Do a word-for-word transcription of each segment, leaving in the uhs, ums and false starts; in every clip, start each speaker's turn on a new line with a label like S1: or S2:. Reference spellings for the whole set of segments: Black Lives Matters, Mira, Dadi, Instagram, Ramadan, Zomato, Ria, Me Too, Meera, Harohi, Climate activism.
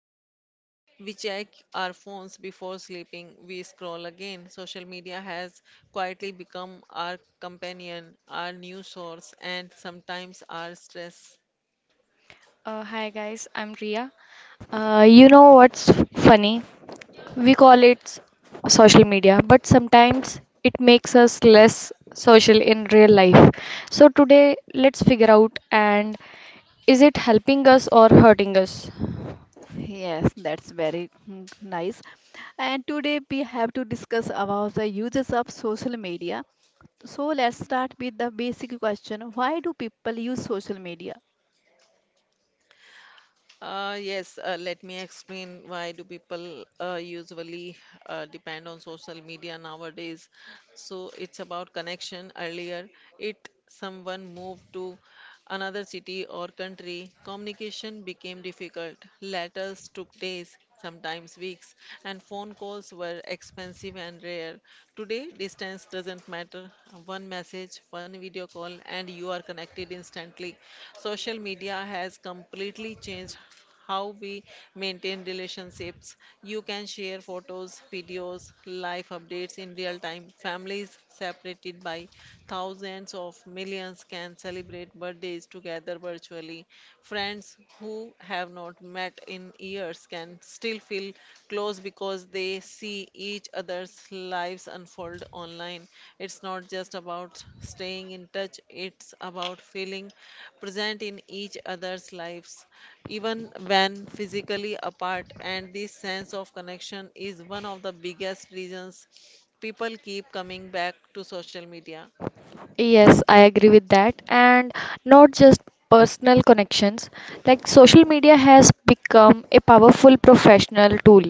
S1: we wake up, we check our phones before sleeping, we scroll again. Social media has quietly become our companion, our news source, and sometimes our stress.
S2: Uh, hi guys, I'm Ria. Uh, you know what's f- funny? We call it social media, but sometimes it makes us less social in real life. So today, let's figure out and is it helping us or hurting us?
S3: Yes, that's very mm, nice. And today we have to discuss about the uses of social media. So let's start with the basic question. Why do people use social media?
S1: Uh, yes, uh, let me explain why do people uh, usually uh, depend on social media nowadays. So it's about connection. Earlier, it someone moved to another city or country, communication became difficult. Letters took days, sometimes weeks, and phone calls were expensive and rare. Today, distance doesn't matter. One message, one video call, and you are connected instantly. Social media has completely changed how we maintain relationships. You can share photos, videos, life updates in real time. Families separated by thousands of millions can celebrate birthdays together virtually. Friends who have not met in years can still feel close because they see each other's lives unfold online. It's not just about staying in touch, it's about feeling present in each other's lives, even when physically apart. And this sense of connection is one of the biggest reasons people keep coming back to social media.
S2: Yes, I agree with that. And not just personal connections, like social media has become a powerful professional tool.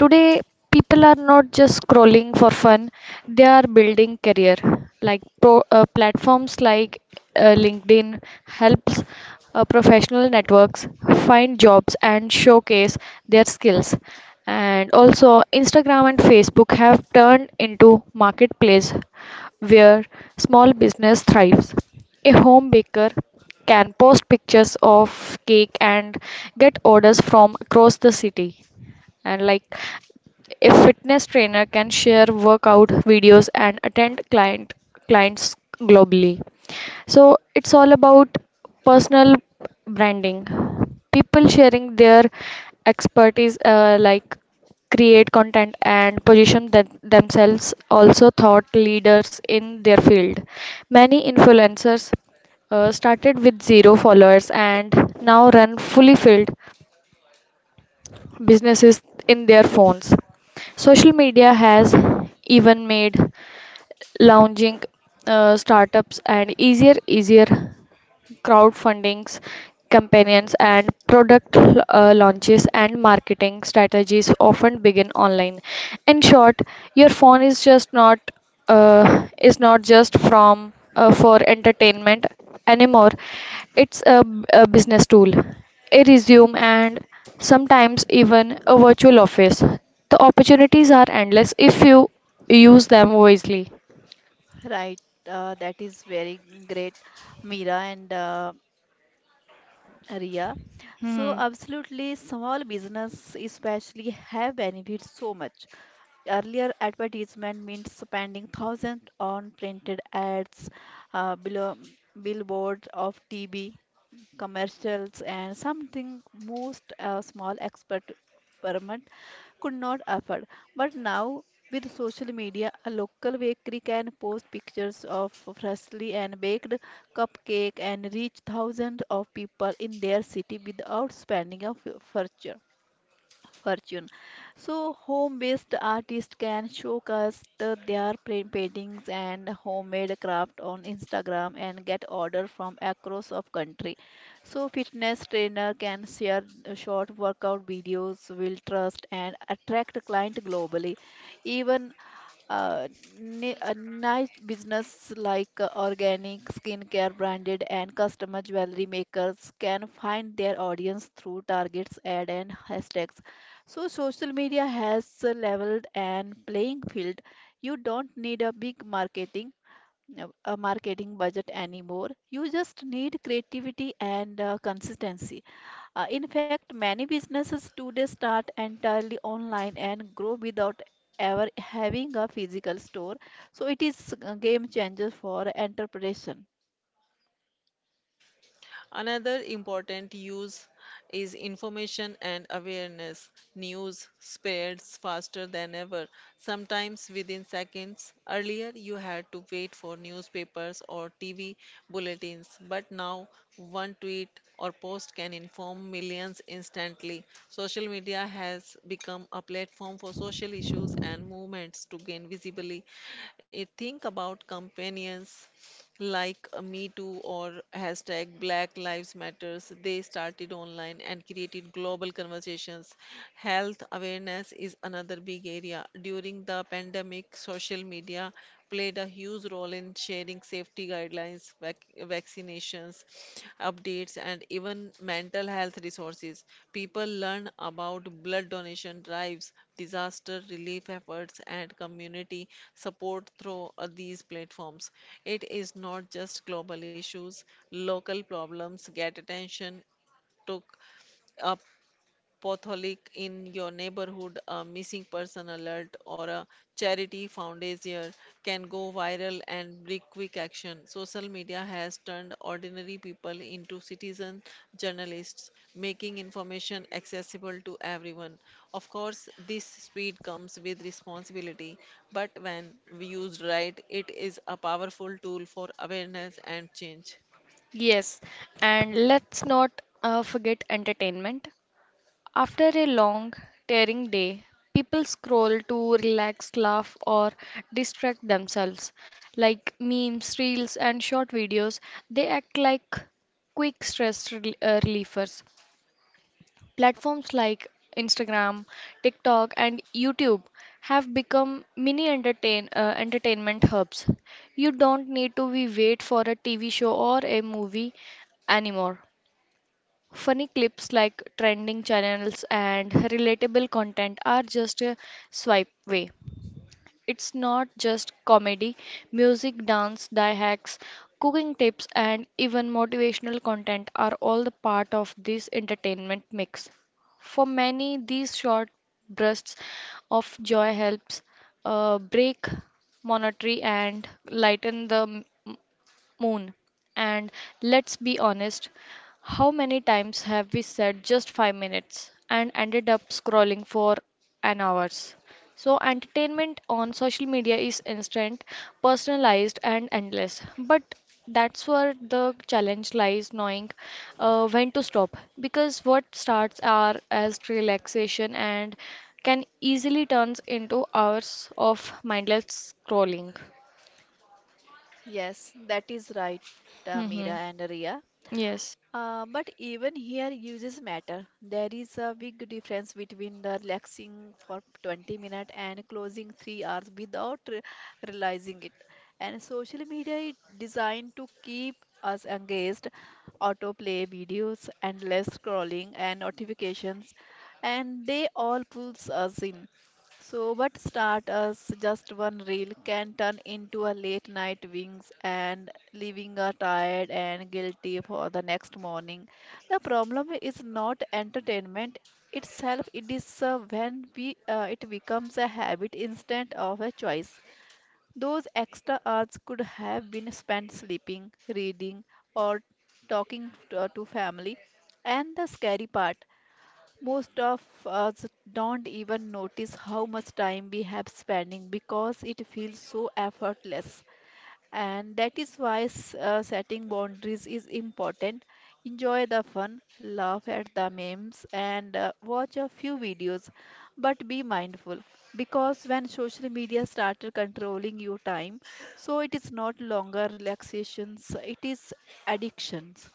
S2: Today, people are not just scrolling for fun, they are building career. Like pro, uh, platforms like uh, LinkedIn helps uh, professional networks find jobs and showcase their skills. And also, Instagram and Facebook have turned into marketplace where small business thrives. A home baker can post pictures of cake and get orders from across the city. And like a fitness trainer can share workout videos and attend client clients globally. So it's all about personal branding. People sharing their expertise, uh, like create content and position that themselves also thought leaders in their field. Many influencers uh, started with zero followers and now run fully filled businesses in their phones. Social media has even made launching uh, startups and easier easier crowdfundings, campaigns, and product uh, launches and marketing strategies often begin online. In short, your phone is just not uh, is not just from uh, for entertainment anymore. It's a, b- a business tool, a resume, and sometimes even a virtual office. The opportunities are endless if you use them wisely.
S3: Right, uh, that is very great, Mira and uh, Ria. So
S2: Hmm.
S3: absolutely, small business especially have benefited so much. Earlier advertisement meant spending thousands on printed ads, uh, below billboards of T V commercials, and something most uh, small expert experiment could not afford. But now, with social media, a local bakery can post pictures of freshly and baked cupcake and reach thousands of people in their city without spending a f- fortune fortune. So, home based artists can showcase the- their pa- paintings and homemade craft on Instagram and get order from across of country. So, fitness trainer can share the short workout videos, will trust and attract client globally. Even uh, ni- a nice business like uh, organic skincare branded and customer jewelry makers can find their audience through targets ad and hashtags. So social media has a leveled and playing field. You don't need a big marketing uh, a marketing budget anymore. You just need creativity and uh, consistency. Uh, in fact, many businesses today start entirely online and grow without ever having a physical store. So it is a game changer for entrepreneurship.
S1: Another important use is information and awareness. News spreads faster than ever, sometimes within seconds. Earlier, you had to wait for newspapers or T V bulletins, but now one tweet or post can inform millions instantly. Social media has become a platform for social issues and movements to gain visibility. Eh, Think about companions like uh, Me Too or hashtag Black Lives Matters, they started online and created global conversations. Health awareness is another big area. During the pandemic, social media played a huge role in sharing safety guidelines, vac- vaccinations sessions, updates, and even mental health resources. People learn about blood donation drives, disaster relief efforts, and community support through uh, these platforms. It is not just global issues, local problems get attention took up potholic in your neighborhood, a missing person alert, or a charity fundraiser can go viral and bring quick action. Social media has turned ordinary people into citizen journalists, making information accessible to everyone. Of course, this speed comes with responsibility, but when used right, it is a powerful tool for awareness and change.
S2: Yes, and let's not uh, forget entertainment. After a long, tiring day, people scroll to relax, laugh, or distract themselves. Like memes, reels, and short videos, they act like quick stress rel- uh, relievers. Platforms like Instagram, TikTok, and YouTube have become mini entertain, uh, entertainment hubs. You don't need to be wait for a T V show or a movie anymore. Funny clips like trending channels and relatable content are just a swipe away. It's not just comedy, music, dance, die hacks, cooking tips, and even motivational content are all the part of this entertainment mix. For many, these short bursts of joy helps uh, break monotony and lighten the Moon. And let's be honest, how many times have we said just five minutes and ended up scrolling for an hours? So, entertainment on social media is instant, personalized, and endless. But that's where the challenge lies knowing uh, when to stop. Because what starts are as relaxation and can easily turns into hours of mindless scrolling.
S3: Yes, that is right, uh, Meera
S2: Mm.
S3: and Ria.
S2: Yes.
S3: Uh, but even here, uses matter. There is a big difference between the relaxing for twenty minutes and closing three hours without re- realizing it. And social media is designed to keep us engaged, autoplay videos, endless scrolling, and notifications, and they all pulls us in. So, what start as just one reel can turn into a late night wings and leaving her tired and guilty for the next morning. The problem is not entertainment itself, it is uh, when we, uh, it becomes a habit instead of a choice. Those extra hours could have been spent sleeping, reading, or talking to, uh, to family. And the scary part, most of us don't even notice how much time we have spending because it feels so effortless. And that is why s- uh, setting boundaries is important. Enjoy the fun, laugh at the memes, and uh, watch a few videos. But be mindful, because when social media started controlling your time, so it is not longer relaxations, it is addictions.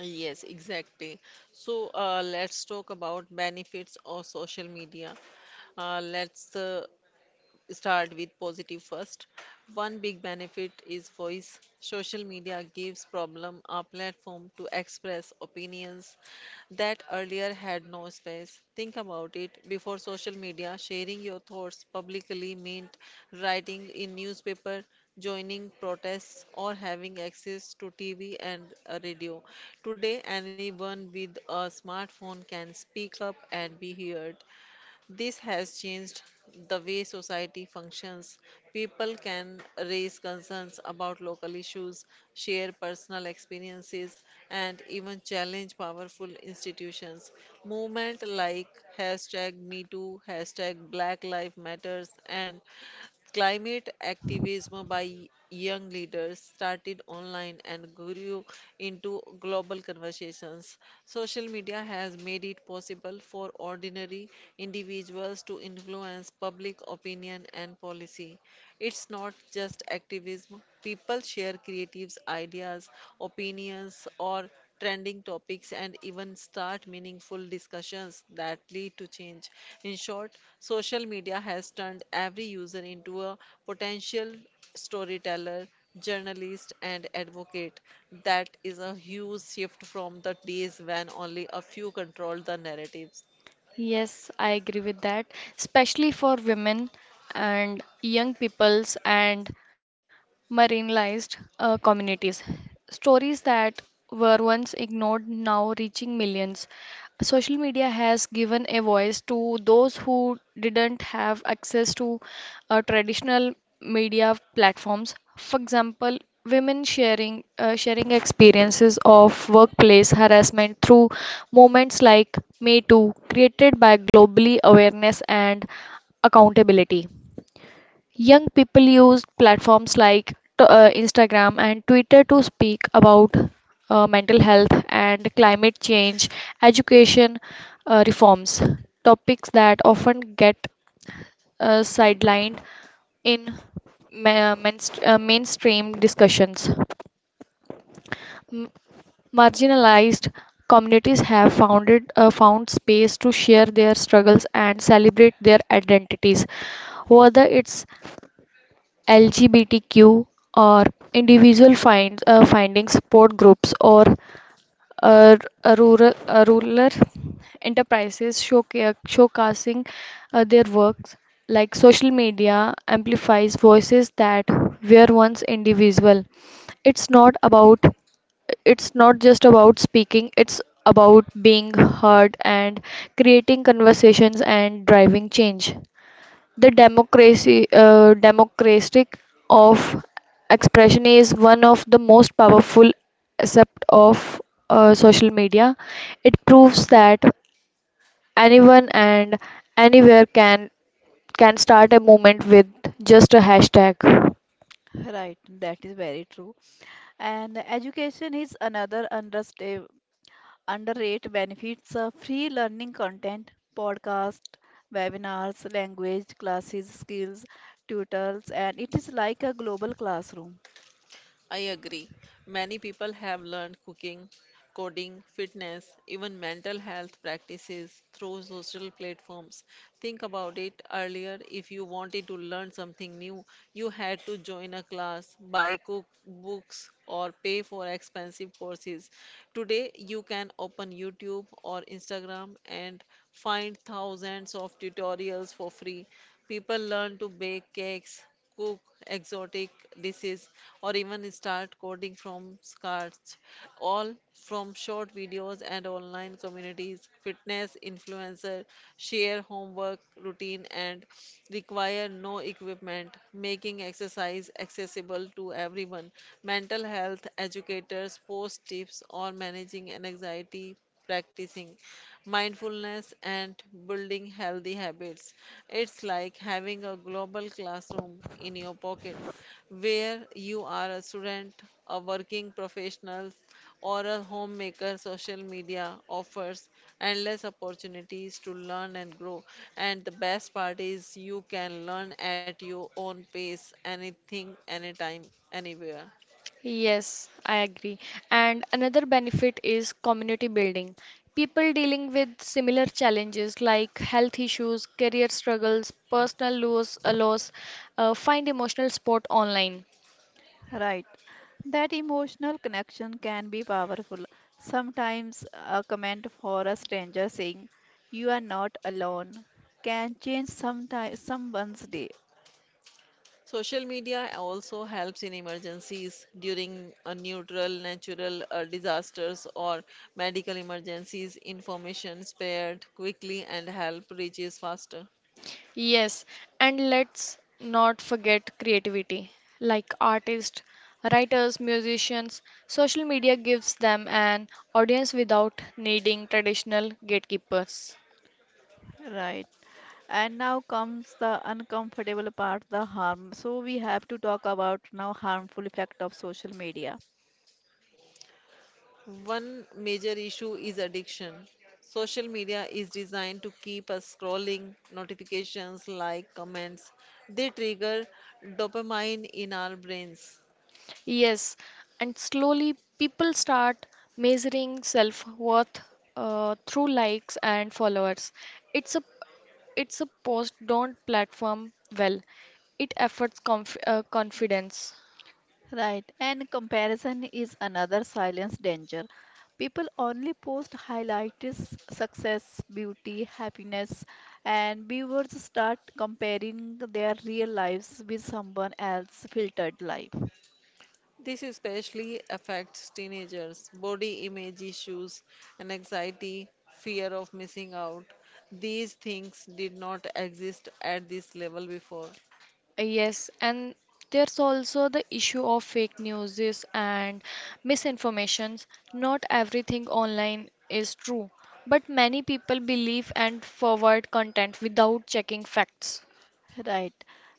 S1: Uh, Yes, exactly. So uh, let's talk about benefits of social media. Uh, let's uh, start with positive first. One big benefit is voice. Social media gives problem a platform to express opinions that earlier had no space. Think about it. Before social media, sharing your thoughts publicly meant writing in newspaper, joining protests, or having access to T V and a radio. Today, anyone with a smartphone can speak up and be heard. This has changed the way society functions. People can raise concerns about local issues, share personal experiences, and even challenge powerful institutions. Movement like hashtag MeToo, hashtag Black Lives Matters, and climate activism by young leaders started online and grew into global conversations. Social media has made it possible for ordinary individuals to influence public opinion and policy. It's not just activism. People share creative ideas, opinions, or trending topics and even start meaningful discussions that lead to change. In short, social media has turned every user into a potential storyteller, journalist, and advocate. That is a huge shift from the days when only a few controlled the narratives.
S2: Yes, I agree with that, especially for women and young peoples and marginalized uh, communities. Stories that were once ignored now reaching millions social media has given a voice to those who didn't have access to uh, traditional media platforms. For example, women sharing uh, sharing experiences of workplace harassment through movements like Me Too, created by globally awareness and accountability. Young people use platforms like t- uh, Instagram and Twitter to speak about uh, mental health and climate change, education uh, reforms, topics that often get uh, sidelined in ma- mainst- uh, mainstream discussions. M- Marginalized communities have founded uh, found space to share their struggles and celebrate their identities whether it's L G B T Q or individual finds uh, finding support groups or uh, r- rural uh, rural enterprises showca- showcasing uh, their works like social media amplifies voices that were once individual it's not about it's not just about speaking, it's about being heard and creating conversations and driving change. The democracy, uh, democratic of expression is one of the most powerful aspect of uh, social media. It proves that anyone and anywhere can can start a movement with just a hashtag.
S3: Right, that is very true. And education is another understa- underrated benefits of free learning content, podcasts, webinars, language classes, skills, tutors, and it is like a global classroom.
S1: I agree. Many people have learned cooking, coding, fitness, even mental health practices through social platforms. Think about it, earlier if you wanted to learn something new, you had to join a class, buy cookbooks, or pay for expensive courses. Today, you can open YouTube or Instagram and find thousands of tutorials for free. People learn to bake cakes, cook exotic dishes, or even start coding from scratch, all from short videos and online communities. Fitness influencer share homework routine and require no equipment, making exercise accessible to everyone. Mental health educators post tips on managing anxiety, practicing mindfulness, and building healthy habits. It's like having a global classroom in your pocket where you are a student, a working professional, or a homemaker. Social media offers endless opportunities to learn and grow. And the best part is you can learn at your own pace, anything, anytime, anywhere.
S2: Yes, I agree. And another benefit is community building. People dealing with similar challenges like health issues, career struggles, personal loss, uh, loss uh, find emotional support online.
S3: Right. That emotional connection can be powerful. Sometimes a comment for a stranger saying, "You are not alone," can change sometime, someone's day.
S1: Social media also helps in emergencies during a neutral, natural uh, disasters or medical emergencies. Information spread quickly and help reaches faster.
S2: Yes, and let's not forget creativity. Like artists, writers, musicians, social media gives them an audience without needing traditional gatekeepers.
S3: Right. And now comes the uncomfortable part, the harm. So we have to talk about now harmful effect of social media.
S1: One major issue is addiction. Social media is designed to keep us scrolling, notifications, like, comments. They trigger dopamine in our brains.
S2: Yes, and slowly people start measuring self-worth uh, through likes and followers. It's a it's a post don't platform well. It efforts conf uh, confidence.
S3: Right, and comparison is another silence danger. People only post highlights, success, beauty, happiness, and viewers start comparing their real lives with someone else's filtered life.
S1: This especially affects teenagers. Body image issues and anxiety, fear of missing out. These things did not exist at this level before.
S2: Yes, and there's also the issue of fake news and misinformations. Not everything online is true, but many people believe and forward content without checking facts.
S3: Right,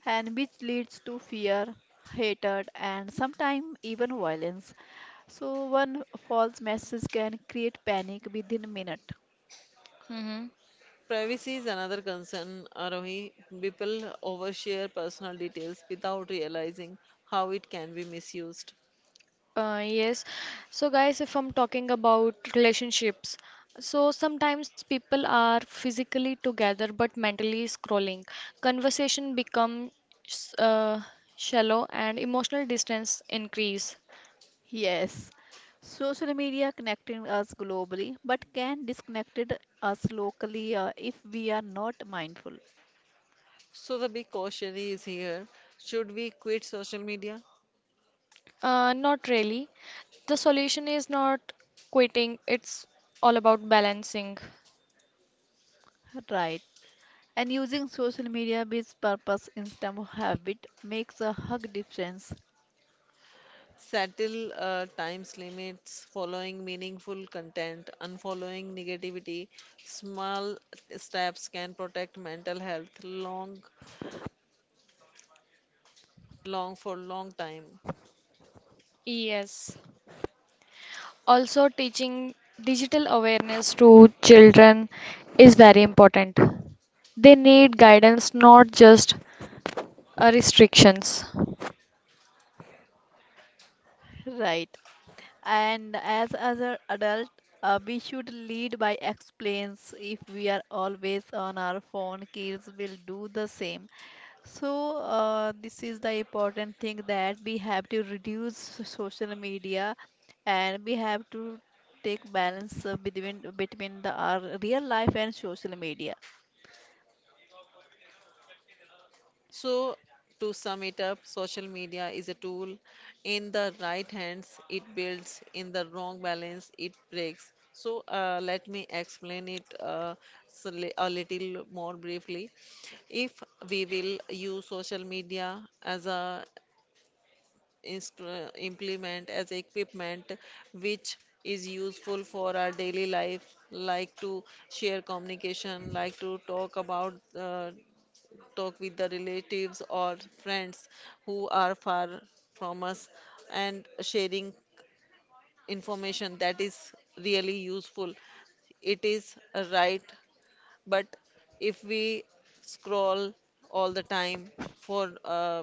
S3: and which leads to fear, hatred, and sometimes even violence. So, one false message can create panic within a minute.
S2: Mhm.
S1: Privacy is another concern, Arohi. People overshare personal details without realizing how it can be misused.
S2: Uh, yes. So, guys, if I'm talking about relationships, so sometimes people are physically together but mentally scrolling. Conversation becomes uh, shallow and emotional distance increase.
S3: Yes, social media connecting us globally, but can disconnected us locally uh, if we are not mindful.
S1: So, the big caution is here, should we quit social media?
S2: Uh, not really. The solution is not quitting, it's all about balancing.
S3: Right. And using social media with purpose instead of habit makes a hug difference.
S1: Settle uh, times limits, following meaningful content, unfollowing negativity. Small steps can protect mental health long, long for long time.
S2: Yes. Also, teaching digital awareness to children is very important. They need guidance, not just uh, restrictions.
S3: Right. And as other adult, uh, we should lead by explains. If we are always on our phone, kids will do the same. So, uh, this is the important thing that we have to reduce so- social media and we have to take balance uh, between between the our real life and social media.
S1: So, to sum it up, social media is a tool. In the right hands, it builds. In the wrong balance, it breaks. So, uh, let me explain it uh, s- li- a little more briefly. If we will use social media as a instru- implement as equipment which is useful for our daily life, like to share communication, like to talk about uh, talk with the relatives or friends who are far from us, and sharing information that is really useful, it is a right. But if we scroll all the time for uh,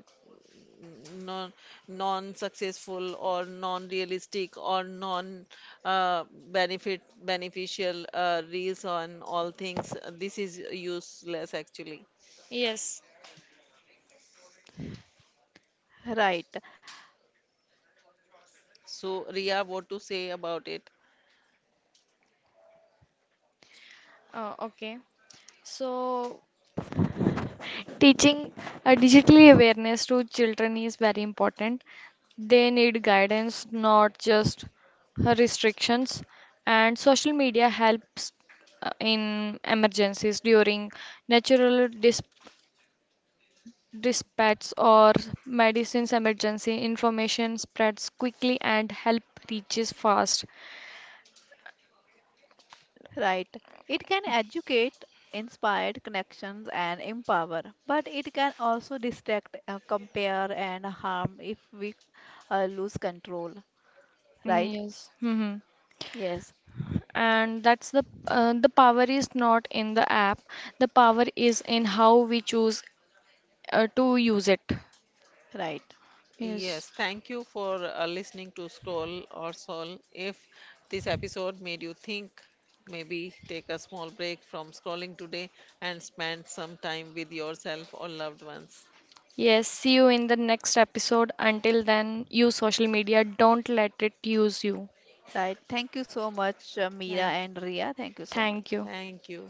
S1: non non successful or non realistic or non uh, benefit beneficial uh, reels on all things, this is useless actually.
S2: Yes.
S3: Right,
S1: So Ria, what to say about it?
S2: Uh, okay. So, teaching uh, digital awareness to children is very important. They need guidance, not just uh, restrictions. And social media helps uh, in emergencies during natural dis dispatches or medicines emergency information spreads quickly and help reaches fast.
S3: right. It can educate, inspire connections and empower, but it can also distract, uh, compare and harm if we uh, lose control.
S2: Mm,
S3: Right?
S2: yes. Hmm.
S3: Yes,
S2: And that's the uh, the power is not in the app, the power is in how we choose uh, to use it.
S3: right.
S2: Yes.
S1: Yes, thank you for uh, listening to Scroll or Sol. If this episode made you think, maybe take a small break from scrolling today and spend some time with yourself or loved ones.
S2: Yes, see you in the next episode. Until then, use social media, don't let it use you.
S3: Right. Thank you so much, uh, Meera
S1: thank
S3: and Ria. Thank you so much.
S2: Thank you.
S1: Thank you.